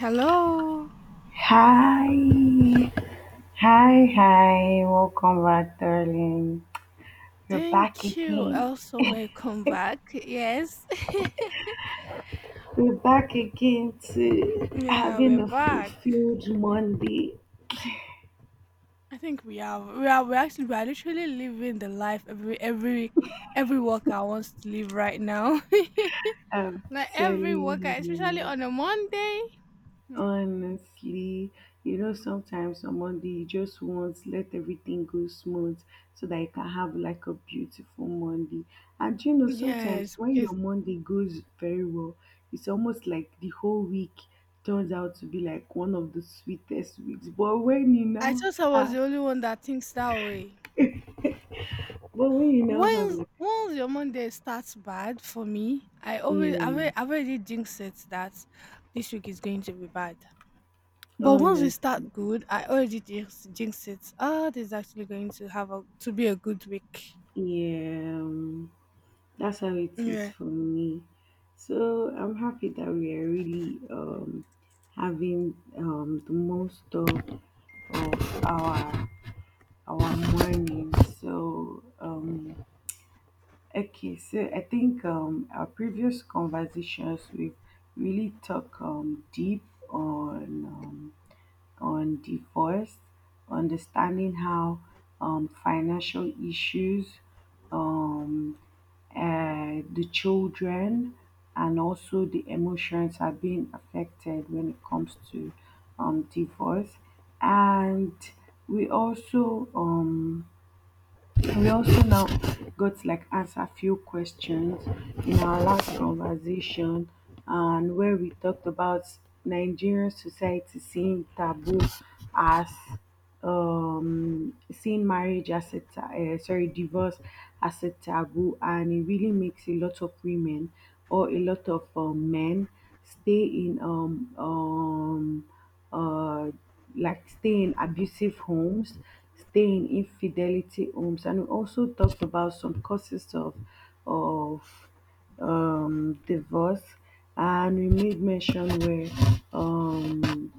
Hello. Hi, hi, welcome back, darling. You're back Thank you. again. Also, welcome back. Yes. We're back again to Yeah, we're having a back. fulfilled Monday. I think we are. We are. We actually. We are literally living the life every every worker wants to live right now. I'm Like every worker, telling especially you. on a Monday. Hmm. Honestly, sometimes on Monday you just want let everything go smooth so that you can have like a beautiful Monday. And sometimes Yes, when because your Monday goes very well, it's almost like the whole week turns out to be like one of the sweetest weeks. I thought I was have, the only one that thinks that way. but when you now have Once like once your Monday starts bad for me, I always yeah, I've already, I've already jinxed it that this week is going to be bad. But once we honestly, start good, I already jinx it. Ah, this is actually going to have a to be a good week. yeah. That's how it is Yeah. for me. So I'm happy that we are really having the most of our morning. So okay, so I think our previous conversations we've really talked deep on. On divorce, understanding how financial issues, um, the children, and also the emotions are being affected when it comes to divorce. And we also um, and We also now got to like answer a few questions in our last conversation and where we talked about Nigerian society seeing taboo as seeing marriage as a sorry, divorce as a taboo, and it really makes a lot of women or a lot of men stay in uh like stay in abusive homes, stay in infidelity homes. And we also talked about some causes of of divorce, and we made mention where um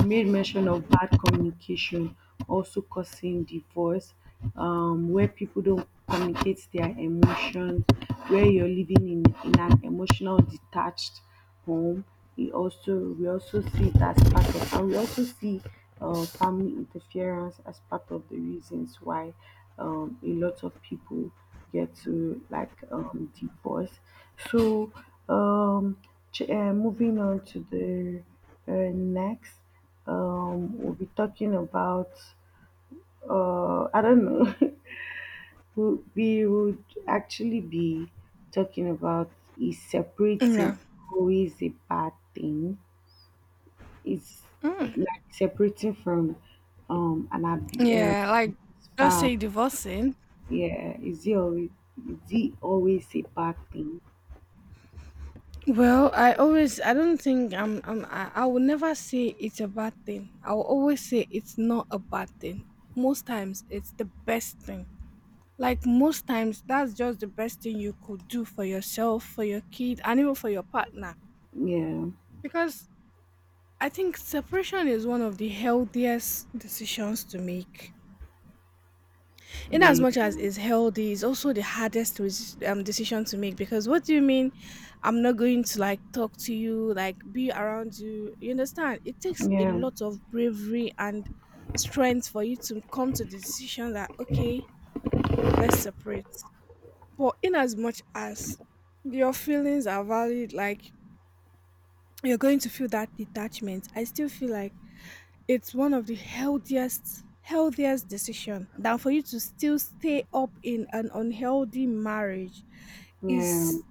he made mention of bad communication also causing divorce, where people don't communicate their emotions, where you're living in an emotional detached home. We also see it as part of, and we also see family interference as part of the reasons why a lot of people get to like divorce. So um, moving on to the next we'll be talking about, I don't know, we would actually be talking about is Yeah. separating always a bad thing? Is Mm. like separating from um, an ab- uh, Yeah, like just spouse, say divorcing. yeah, is it always a bad thing? Well, I always I don't think I'm I will never say it's a bad thing. I will always say it's not a bad thing. Most times it's the best thing. Like most times that's just the best thing you could do for yourself, for your kid, and even for your partner. Yeah, Because I think separation is one of the healthiest decisions to make. In as yeah, much as it's healthy, it's also the hardest decision to make. Because what do you mean? I'm not going to like talk to you, like be around you. You understand? It takes a yeah, lot of bravery and strength for you to come to the decision that, okay, let's separate. But in as much as your feelings are valid, like you're going to feel that detachment, I still feel like it's one of the healthiest decision than for you to still stay up in an unhealthy marriage yeah, is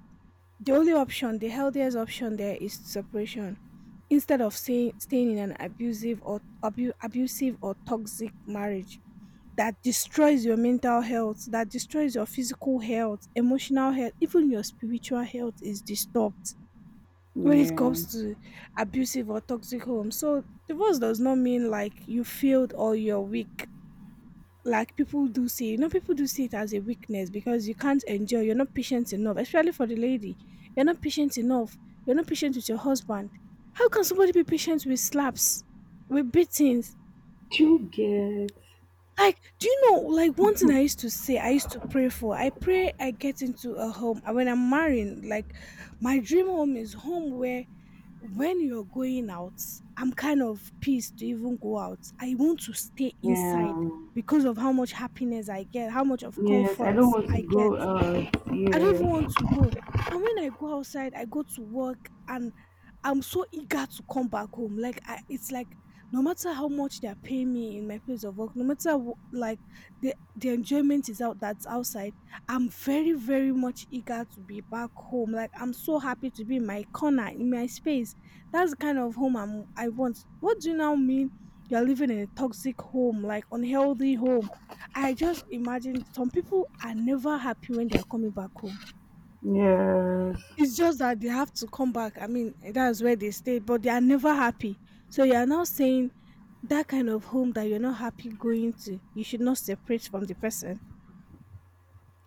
the only option. The healthiest option there is separation instead of staying in an abusive or abusive or toxic marriage that destroys your mental health, that destroys your physical health, emotional health, even your spiritual health is disturbed when it yeah. comes to abusive or toxic home. So divorce does not mean like you failed or you're weak. Like people do see, you know, people do see it as a weakness because you can't endure, you're not patient enough, especially for the lady. You're not patient enough. You're not patient with your husband. How can somebody be patient with slaps, with beatings? Do you get? Like, do you know, like one thing I used to say, I used to pray for, I pray I get into a home. And when I'm marrying, like my dream home is home where when you're going out, I'm kind of pissed to even go out. I want to stay inside Yeah. because of how much happiness I get, how much of Yes, I comfort don't want to I get. go out. I don't even want Yes, to go. And when I go outside, I go to work and I'm so eager to come back home. Like I, it's like no matter how much they're paying me in my place of work, no matter like the enjoyment is out that's outside. I'm very much eager to be back home. Like I'm so happy to be in my corner in my space. That's the kind of home I want. What do you now mean? You're living in a toxic home, like unhealthy home. I just imagine some people are never happy when they are coming back home. yes. It's just that they have to come back. I mean, that's where they stay, but they are never happy. So you are now saying that kind of home that you're not happy going to, you should not separate from the person.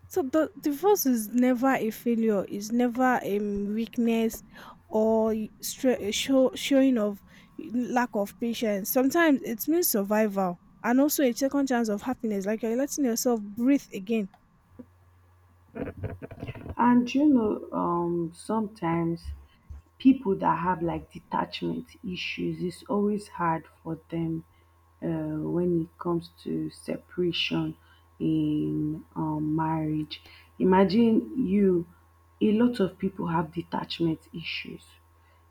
So the divorce is never a failure. It's never a weakness or a show, showing of lack of patience. Sometimes it means survival and also a second chance of happiness. Like you're letting yourself breathe again. And sometimes people that have like detachment issues, it's always hard for them when it comes to separation in marriage. Imagine you, a lot of people have detachment issues.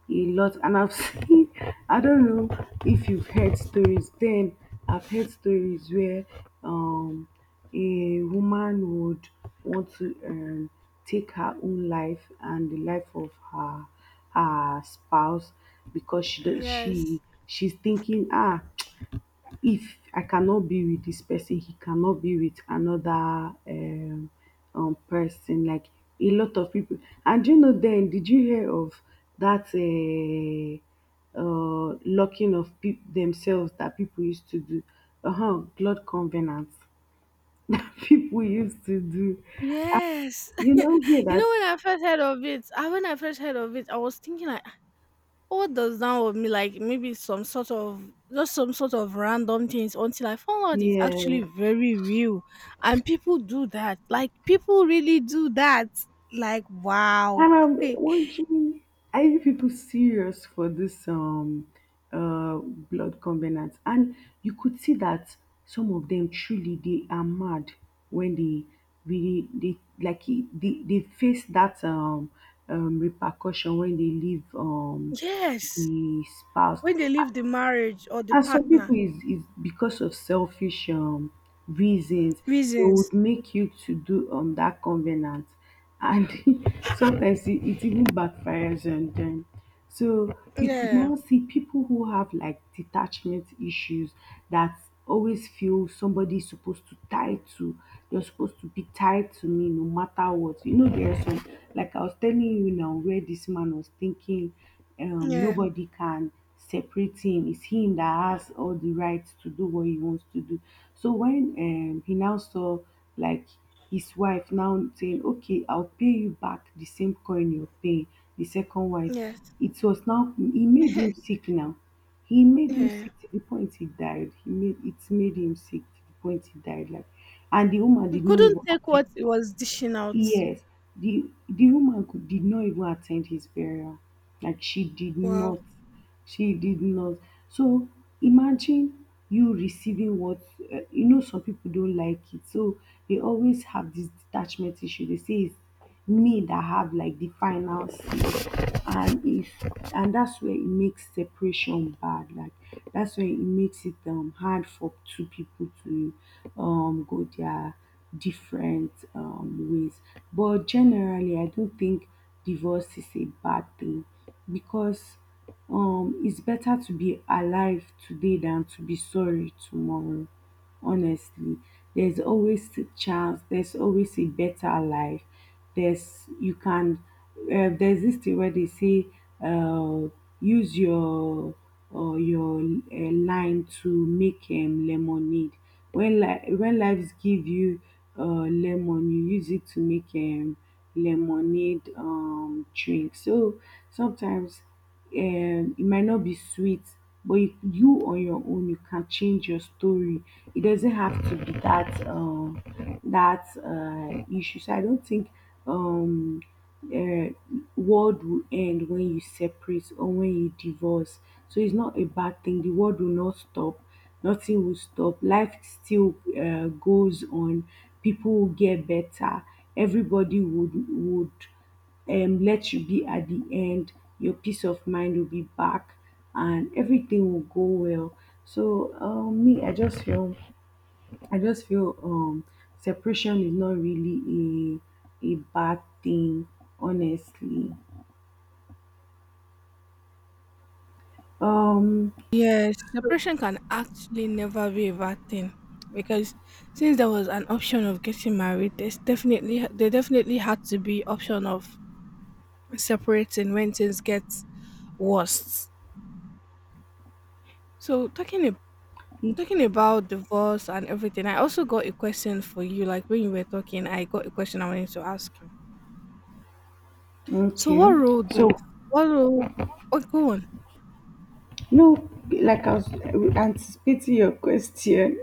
A lot, and I've seen, I don't know if you've heard stories, then I've heard stories where um a woman would want to take her own life and the life of her spouse because she, Yes. she's thinking, ah, if I cannot be with this person, he cannot be with another person. Like a lot of people, and you know, then did you hear of that locking of peop themselves that people used to do? Uh-huh, blood covenants that people used to do, Yes. you know, hear You know, that? when I first heard of it, I when I first heard of it, I was thinking like, "Ah, what does that would mean? Like maybe some sort of just some sort of random things until I found out it's actually Yes. very real, and people do that. Like people really do that. Like wow." And I'm wondering, are you people serious for this blood covenant? And you could see that some of them truly they are mad when they really they they face that repercussion when they leave Yes. the spouse. When they leave the marriage or the And some partner, people, is because of selfish reasons they reasons. would make you to do that covenant, and sometimes it even backfires on them. So you could Yeah, now see people who have like detachment issues, that always feel somebody is supposed to tie to. You're supposed to be tied to me no matter what. You know there are some, like I was telling you now, where this man was thinking yeah, nobody can separate him. It's him that has all the rights to do what he wants to do. So when he now saw like his wife now saying, "Okay, I'll pay you back the same coin you're paying," the second wife, yes, it was now he made him sick now. He made him yeah. sick to the point he died. He made it made him sick to the point he died. Like, and the woman You did not even couldn't take accept. what it was dishing out. Yes, the woman could did not even attend his burial. Like she did not. Wow. She did not. So imagine you receiving what you know some people don't like it. So they always have this detachment issue. They say it's me that have like the final say, and if and that's where it makes separation bad, like that's where it makes it hard for two people to go their different ways. But generally I don't think divorce is a bad thing, because it's better to be alive today than to be sorry tomorrow, honestly. There's always a chance, there's always a better life, there's, you can, there's this thing where they say, uh, use your or your line to make lemonade. When when lives give you lemon, you use it to make lemonade drink. So sometimes it might not be sweet, but you on your own you can change your story. It doesn't have to be that issue. So I don't think um uh, world will end when you separate or when you divorce. So it's not a bad thing. The world will not stop. Nothing will stop. Life still goes on. People will get better. Everybody would let you be at the end. Your peace of mind will be back, and everything will go well. So me, I just feel separation is not really a bad thing, honestly. Um, Yes, separation can actually never be a bad thing because since there was an option of getting married, there definitely had to be option of separating when things get worse. So talking about divorce and everything, I also got a question for you. Like when you were talking, I got a question I wanted to ask you. So okay. what role So do what role? Oh, go on. no, like I was anticipating your question.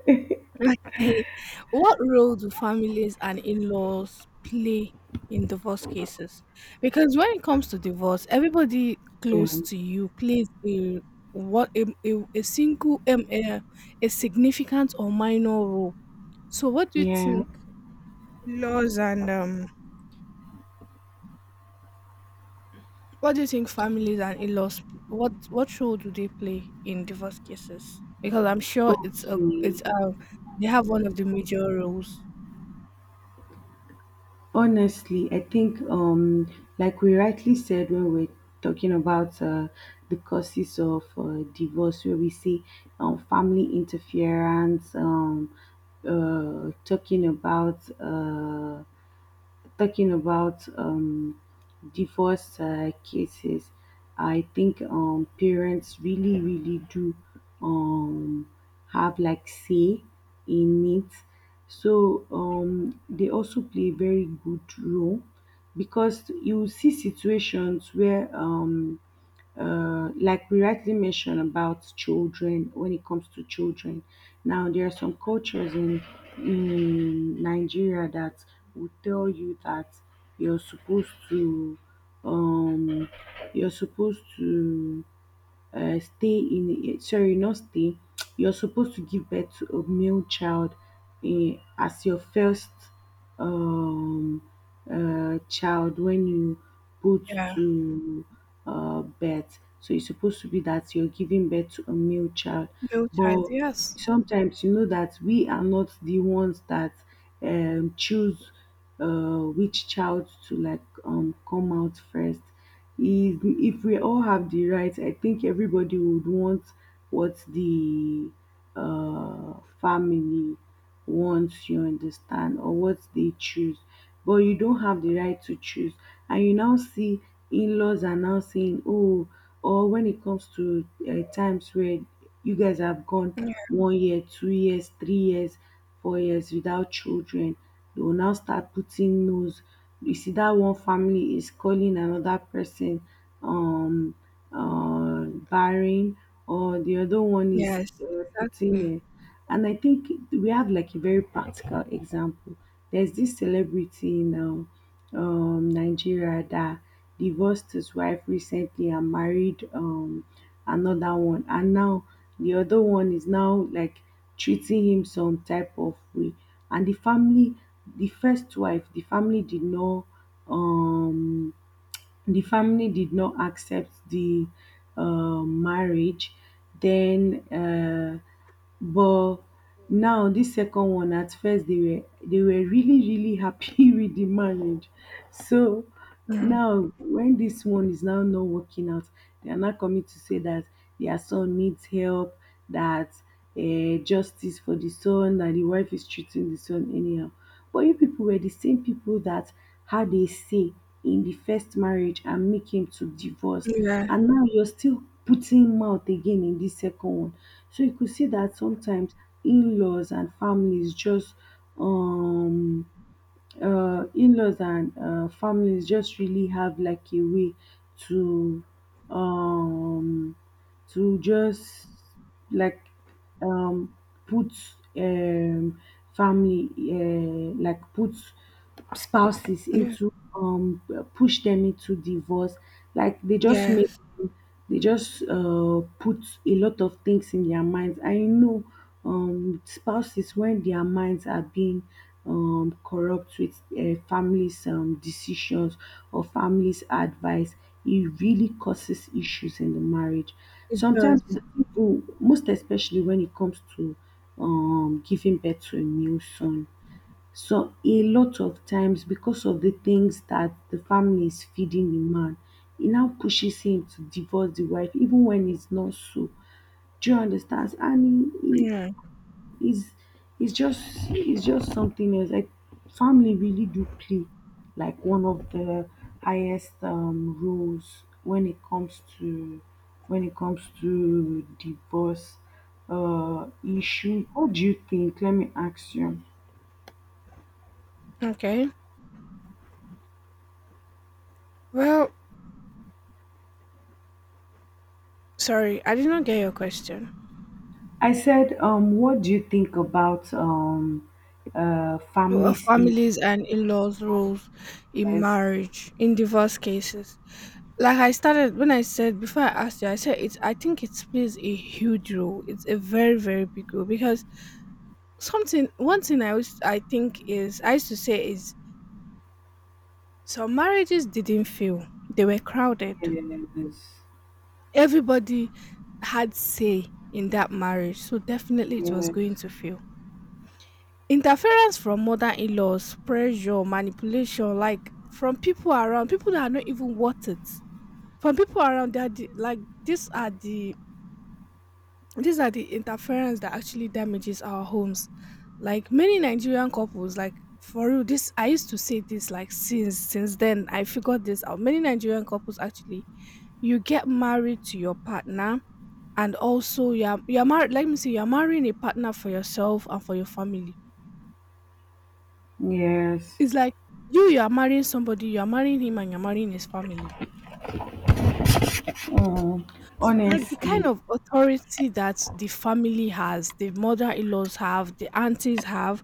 Okay. What role do families and in-laws play in divorce cases? Because when it comes to divorce, everybody Yeah. close to you plays a what a a significant or minor role. So what do you Yeah. think laws and what do you think families and in-laws what role do they play in divorce cases? Because I'm sure Okay. it's they have one of the major roles. Honestly, I think, like we rightly said when we're talking about the causes of divorce, where we see family interference, uh, talking about uh, talking about divorce cases, I think parents really, really do um, have like say in it. So they also play a very good role, because you see situations where like we rightly mentioned about children, when it comes to children, now there are some cultures in Nigeria that will tell you that you're supposed to um, you're supposed to stay in sorry, not stay, you're supposed to give birth to a male child in, as your first um, child. When you put Yeah. to birth, so it's supposed to be that you're giving birth to a male child. Male child, But yes. sometimes you know that we are not the ones that choose which child to like come out first. If we all have the right, I think everybody would want what the uh, family wants, you understand, or what they choose. But you don't have the right to choose. And you now see in laws are now saying, oh, or when it comes to times where you guys have gone one year, 2 years, 3 years, 4 years without children, they will now start putting nose. You see that one family is calling another person um uh barren, or the other one is Yes, exactly. putting and I think we have like a very practical example. There's this celebrity now Nigeria that divorced his wife recently and married another one. And now the other one is now like treating him some type of way. And the family, the first wife, the family did not um, the family did not accept the marriage then but now this second one, at first they were really really happy with the marriage. So Mm, now when this one is now not working out, they are now coming to say that their son needs help, that justice for the son, that the wife is treating the son anyhow. But you people were the same people that had a say in the first marriage and make him to divorce. yeah, And now you're still putting mouth again in this second one. So you could see that sometimes in-laws and families just um in-laws and families just really have like a way to um to just like um put um family like put spouses yeah, into push them into divorce. Like they just make, yes, they just put a lot of things in their minds. I know with spouses, when their minds are being corrupt with families' decisions or families' advice, it really causes issues in the marriage. it Sometimes, does. the people, most especially when it comes to giving birth to a new son, so a lot of times because of the things that the family is feeding the man, it now pushes him to divorce the wife even when it's not so. Do you understand? And Mm, he is, it's just, it's just something else. Like family really do play like one of the highest roles when it comes to divorce issue. What do you think? Let me ask you. okay. Well, sorry, I did not get your question. I said, what do you think about Well, families' interest? families and in-laws roles in marriage in divorce cases. Like I started when I said before I asked you, I said it's. I think it plays a huge role. It's a very big role because something. One thing I was I think is I used to say is some marriages didn't fail. They were crowded. Yes, Everybody had say in that marriage, so definitely it was going yes, to fail. Interference from mother in laws, pressure, manipulation, like from people around, people that are not even worth it. From people around, that like these are the interference that actually damages our homes. Like many Nigerian couples, like for real, this I used to say this like since then I figured this out. Many Nigerian couples actually, you get married to your partner, and also you're married let me see you're marrying a partner for yourself and for your family. yes. It's like you're marrying somebody, you're marrying him and you're marrying his family, Mm, like the honestly, kind of authority that the family has, the mother-in-laws have, the aunties have,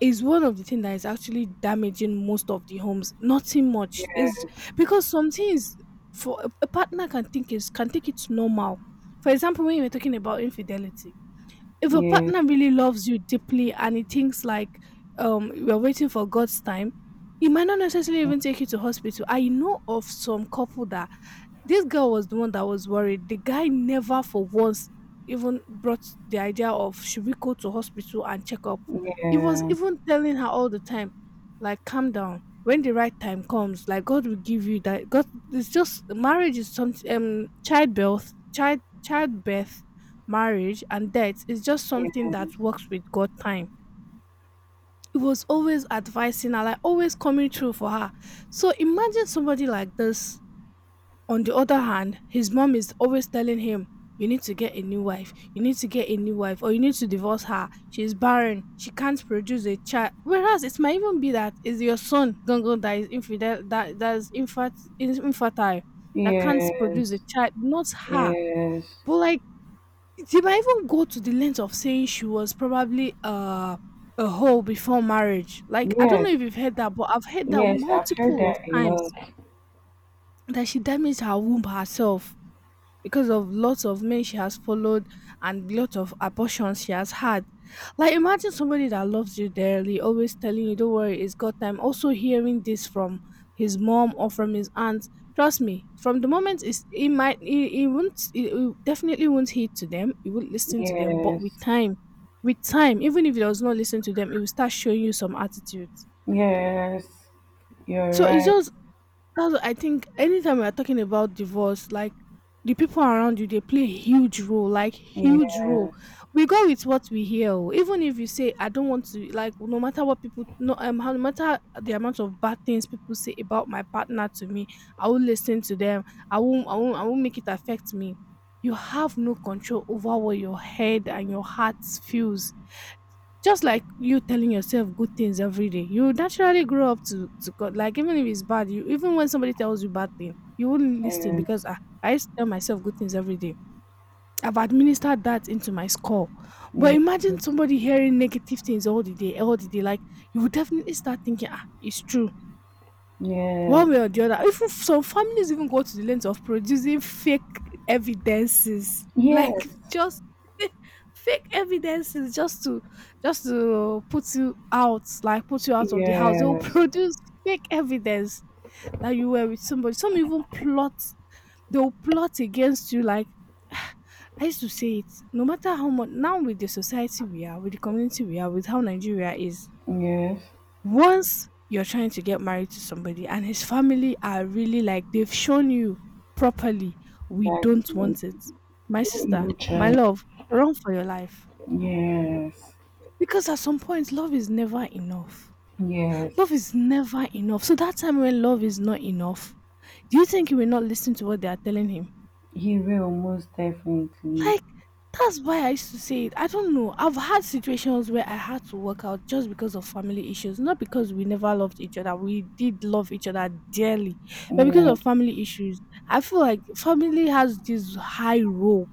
is one of the things that is actually damaging most of the homes. Nothing much is yes, because some things for a partner can think it's normal. For example, when you were talking about infidelity, if your yes, partner really loves you deeply and he thinks like you're waiting for God's time, he might not necessarily even take you to hospital. I know of some couple that this girl was the one that was worried. The guy never for once even brought the idea of should we go to hospital and check up. He was yes, even telling her all the time, like calm down. When the right time comes, like God will give you that. God, it's just marriage is some childbirth, childbirth, marriage and death is just something that works with God time. He was always advising her, like always coming through for her. So imagine somebody like this. On the other hand, his mom is always telling him, "You need to get a new wife, you need to get a new wife, or you need to divorce her. She's barren, she can't produce a child." Whereas it might even be that it's your son, Gongo, that is infidel, that that's infat is infertile, that can't produce a yes, child, not her. But like she might even go to the length of saying she was probably a hoe before marriage. Like, I don't know yes, if you've heard that, but I've heard that yes. I've heard multiple of that a times lot. that she damaged her womb herself because of lots of men she has followed and lots of abortions she has had. Like imagine somebody that loves you dearly, always telling you, "Don't worry, it's God time." Also hearing this from his mom or from his aunt. Trust me, from the moment it won't, it definitely won't heed to them. It won't listen to them. But Yes, with time, even if it does not listen to them, it will start showing you some attitudes. yes. You're So it's right. just that's I think anytime we are talking about divorce, like the people around you, they play a huge role, like huge role. Yes, We go with what we hear. Oh. Even if you say I don't want to, like no matter what people, no matter the amount of bad things people say about my partner to me, I will listen to them. I won't make it affect me. You have no control over what your head and your heart feels just like you telling yourself good things every day, you naturally grow up to God. Like even if it's bad, you even when somebody tells you bad thing, you wouldn't listen because yes, I used to tell myself good things every day. I've administered that into my skull. But yes, imagine somebody hearing negative things all the day, all the day. Like you would definitely start thinking, ah, it's true yes, one way or the other. Even some families even go to the length of producing fake evidences, like yes, just fake evidences just to put you out, like put you yes, out of the house. They will yes, produce fake evidence that you were with somebody. Some even plot. They will plot against you. Like I used to say it. No matter how much, now with the society we are, with the community we are, with how Nigeria is, yes, once you're trying to get married to somebody and his family are really like they've shown you properly we that don't want it, my no sister, evil my child. love, run for your life, Yes, because at some point love is never enough. yes, Love is never enough, so that time when love is not enough, do you think he will not listen to what they are telling him? he will most definitely. Like, that's why I used to say it. I don't know. I've had situations where I had to work out just because of family issues, not because we never loved each other. We did love each other dearly, but because Yeah, of family issues, I feel like family has this high role.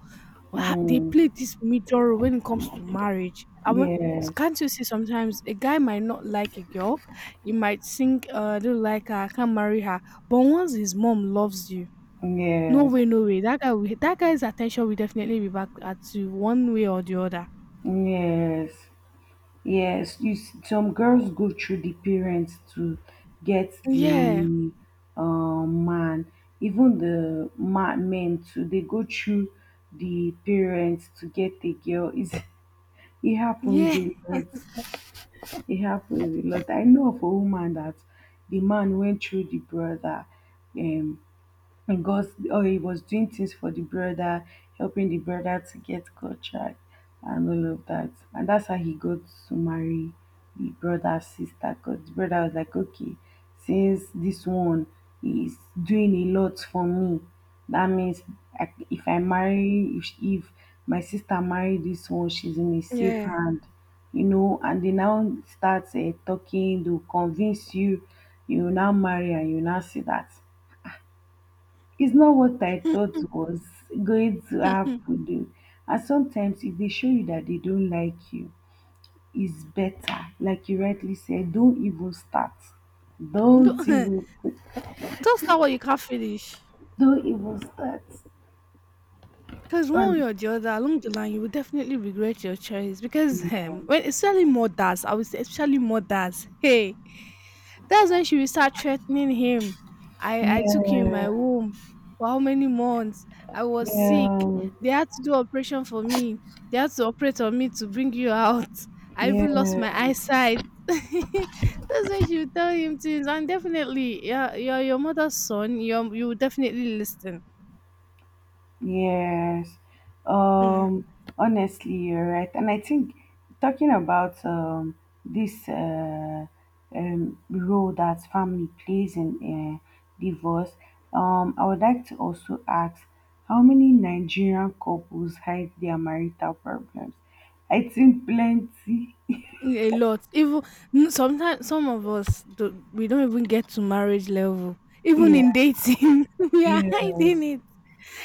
Ha- They mm, play this major role when it comes to marriage. I want. yes, Can't you see sometimes a guy might not like a girl, he might think, I don't like her, I can't marry her. But once his mom loves you, no yes, way, no way. That guy, will, that guy's attention will definitely be back at you one way or the other. yes, yes. You s Some girls go through the parents to get Yeah, the man, even the ma men too. They go through the parents to get the girl. It's, it happens yeah, a lot. It happens a lot. I know of a woman that the man went through the brother, um, because oh, he was doing things for the brother, helping the brother to get contract and all of that. And that's how he got to marry the brother's sister. Because the brother was like, okay, since this one is doing a lot for me, that means if I marry, if my sister marry this one, she's in a safe yeah. hand, you know, and they now start talking, they'll convince you, you will now marry and you will now see that it's not what I thought was going to happen though. And sometimes if they show you that they don't like you, it's better. Like you rightly said, don't even start. Don't Don't, even don't what you can't finish. don't even start. Because one way Honestly, or the other, along the line, you will definitely regret your choice. Because when especially mothers, I would say especially mothers. Hey, that's when she will start threatening him. I took him in my yeah, womb for how many months? I was sick. yeah, They had to do operation for me. They had to operate on me to bring you out. I even lost yeah. my eyesight. That's when she will tell him things, and definitely, yeah, you're your mother's son. You will definitely listen. Yes. Um, Honestly, you're right. And I think talking about this role that family plays in divorce, I would like to also ask how many Nigerian couples hide their marital problems? I think plenty. A lot. Even sometimes some of us do, we don't even get to marriage level. Even Yeah, in dating, we are hiding yes, it.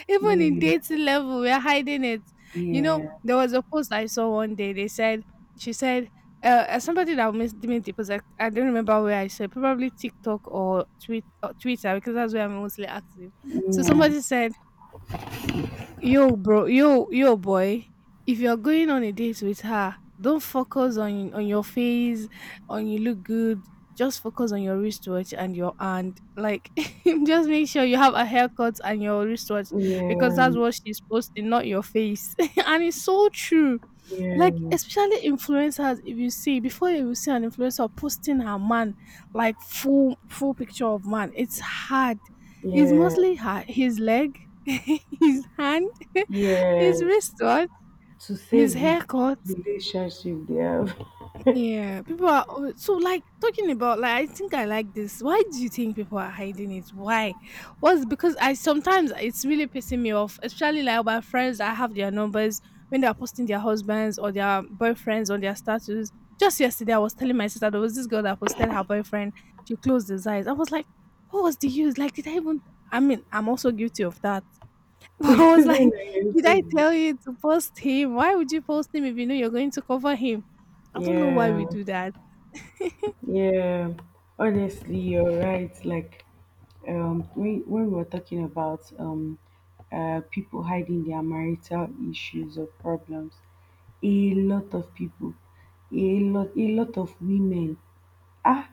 Even in yeah, dating level, we are hiding it. You know, yeah, there was a post I saw one day. They said she said somebody that made the post. I don't remember where I said probably TikTok or tweet or Twitter because that's where I'm mostly active. So yeah, somebody said yo, bro, yo, yo, boy. If you're going on a date with her, don't focus on your face, on you look good. Just focus on your wristwatch and your hand. Like, just make sure you have a haircut and your wristwatch, because yeah, that's what she's posting, not your face. And it's so true. Like, yeah, especially influencers, if you see before you will see an influencer posting her man, like full picture of man, it's hard. It's yeah, mostly her his leg. His hand. His yes. wristwatch, To his save the haircut. relationship they have. Yeah, people are al- so like talking about like I think I like this. Why do you think people are hiding it? Why? Was because I sometimes it's really pissing me off, especially like my friends. I have their numbers when they are posting their husbands or their boyfriends on their status. Just yesterday, I was telling my sister there was this girl that posted her boyfriend. She closed his eyes. I was like, what was the use? Like, did I even? I mean, I'm also guilty of that. I was like, Using the name "Did to I give- tell you to post him? Why would you post him if you know you're going to cover him?" I don't know why yeah, we do that. yeah. Honestly, you're right. Like when we were talking about people hiding their marital issues or problems, a lot of people, a lot of women. Ah,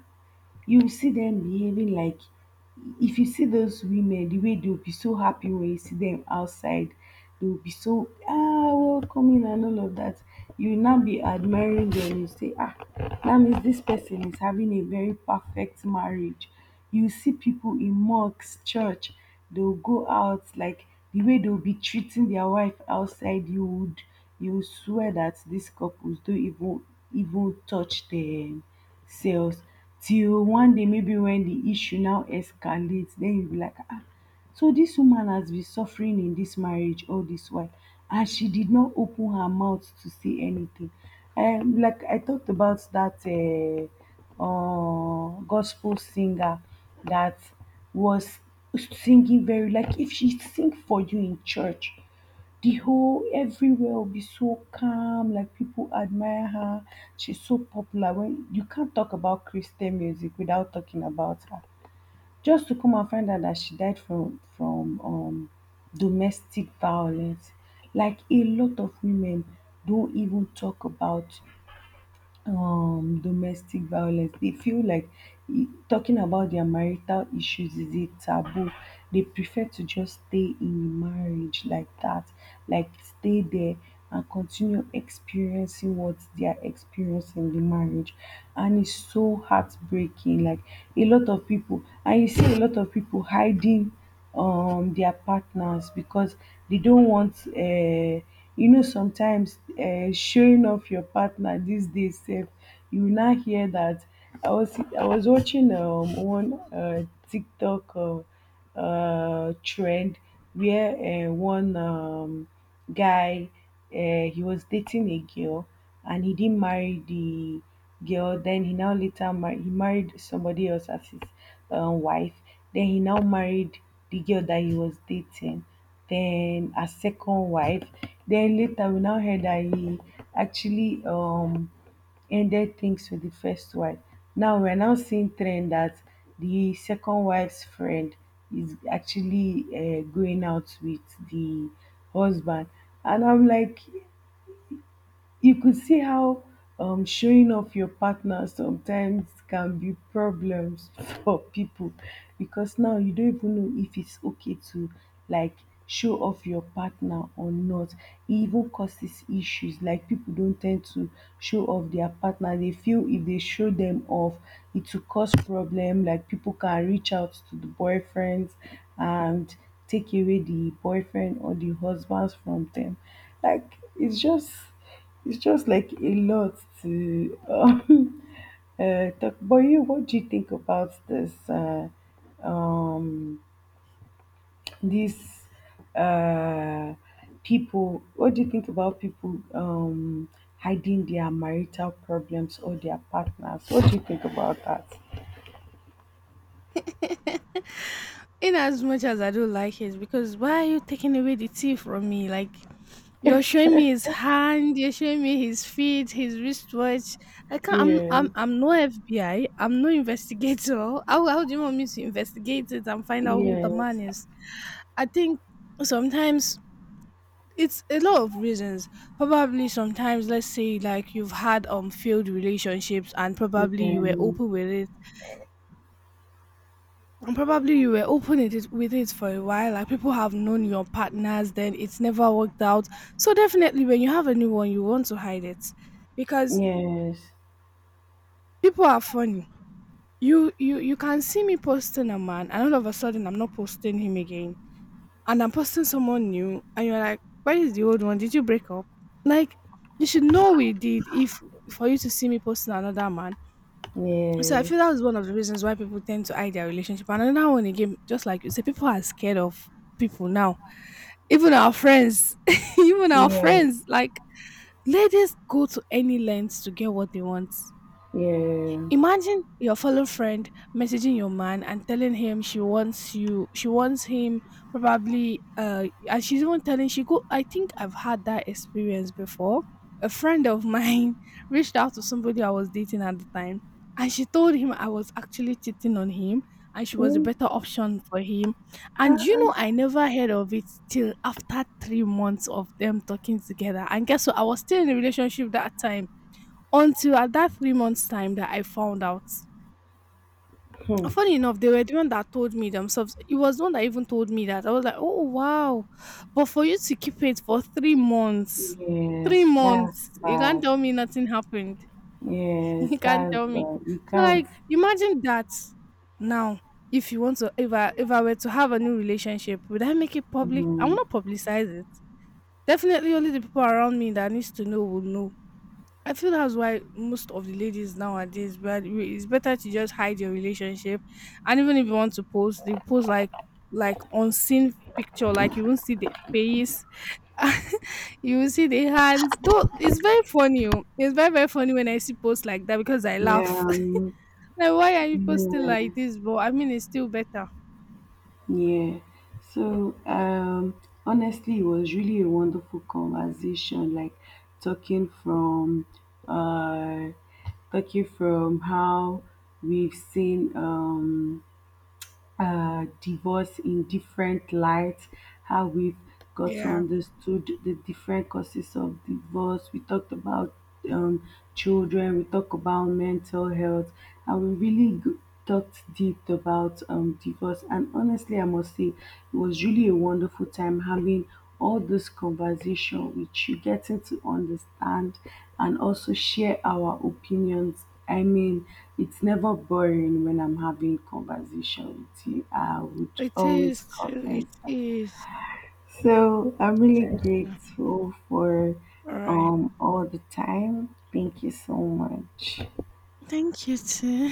you will see them behaving like if you see those women the way they will be so happy when you see them outside, they will be so ah welcoming and all of that. You will now be admiring them, you say ah that means this person is having a very perfect marriage. You see people in mosques, church, they'll go out like the way they'll be treating their wife outside, you would, you would swear that these couples don't even even touch themselves till one day, maybe when the issue now escalates, then you be like ah, so this woman has been suffering in this marriage all this while and she did not open her mouth to say anything. Like I talked about that gospel singer that was singing very, like if she sing for you in church, the whole everywhere will be so calm, like people admire her. She's so popular. When you can't talk about Christian music without talking about her. Just to come and find out that she died from domestic violence. Like a lot of women don't even talk about domestic violence. They feel like talking about their marital issues is a taboo. They prefer to just stay in marriage like that, like stay there and continue experiencing what they are experiencing in the marriage. And it's so heartbreaking, like a lot of people, and you see a lot of people hiding their partners because they don't want you know, sometimes showing off your partner these days sef, you will now hear that I was watching one TikTok trend where one guy he was dating a girl, and he didn't marry the girl. Then he now later married. He married somebody else as his wife. Then he now married the girl that he was dating. Then a second wife. Then later we now heard that he actually ended things with the first wife. Now we're now seeing trend that the second wife's friend is actually going out with the husband, and I'm like, you could see how showing off your partner sometimes can be problems for people, because now you don't even know if it's okay to like show off your partner or not. It even causes issues. Like people don't tend to show off their partner. They feel if they show them off, it will cause problem. Like people can reach out to the boyfriends and take away the boyfriend or the husbands from them. Like it's just like a lot to talk. But you, what do you think about this? Um, these uh, people. What do you think about people hiding their marital problems or their partners? What do you think about that? In as much as I don't like it, because why are you taking away the tea from me? Like you're showing me his hand, you're showing me his feet, his wristwatch. I can't. Yeah. I'm no FBI. I'm no investigator. How do you want me to investigate it and find out who the Yes. man is? I think sometimes it's a lot of reasons. Probably sometimes let's say like you've had failed relationships and probably you were Yeah. open with it, and probably you were open with it for a while, like people have known your partners then it's never worked out, so definitely when you have a new one you want to hide it, because Yes. people are funny. You can see me posting a man and all of a sudden I'm not posting him again and I'm posting someone new, and you're like, where is the old one? Did you break up? Like, you should know we did if for you to see me posting another man. So I Yes. feel that was one of the reasons why people tend to hide their relationship. And another one again, just like you say, people are scared of people now. Even our friends, even our Yeah. friends, like ladies go to any lengths to get what they want. Yeah. Imagine your fellow friend messaging your man and telling him she wants you, she wants him, probably, and she's even telling she go. I think I've had that experience before. A friend of mine reached out to somebody I was dating at the time, and she told him I was actually cheating on him, and she was a better option for him. And you know, I never heard of it till after three months of them talking together. And guess what? I was still in a relationship that time until at that three months time that I found out. Mhm. And funny enough, they were the one that told me themselves. It was the one that even told me that. I was like, oh wow. But for you to keep it for three Yes. That's months, you can't bad. tell me nothing happened. Yes, You can't that's tell me. bad. You So can't. like imagine that now. If you want to if I were to have a new relationship, would I make it public? I will Mm, not publicize it. Definitely only the people around me that needs to know will know. I feel that's why most of the ladies nowadays, but it's better to just hide your relationship, and even if you want to post, they post like unseen picture, like you won't see the face, you will see the hands. Though it's very funny, oh. It's very funny when I see posts like that because I yeah, laugh. Like why are you posting yeah, like this? But I mean, it's still better. yeah. So, honestly, it was really a wonderful conversation. Like talking from, uh, talking from how we've seen, divorce in different lights, how we've got to Yeah, understood the different causes of divorce. We talked about um, children, we talked about mental health, and we talked deep about divorce. And honestly, I must say, it was really a wonderful time having all this conversation with you, getting to understand and also share our opinions. I mean, it's never boring when I'm having conversation with you. I would it always is. Too. It confess that. is. So I'm It really is. Too. grateful for All right. All the time. Thank you so much. Thank you too.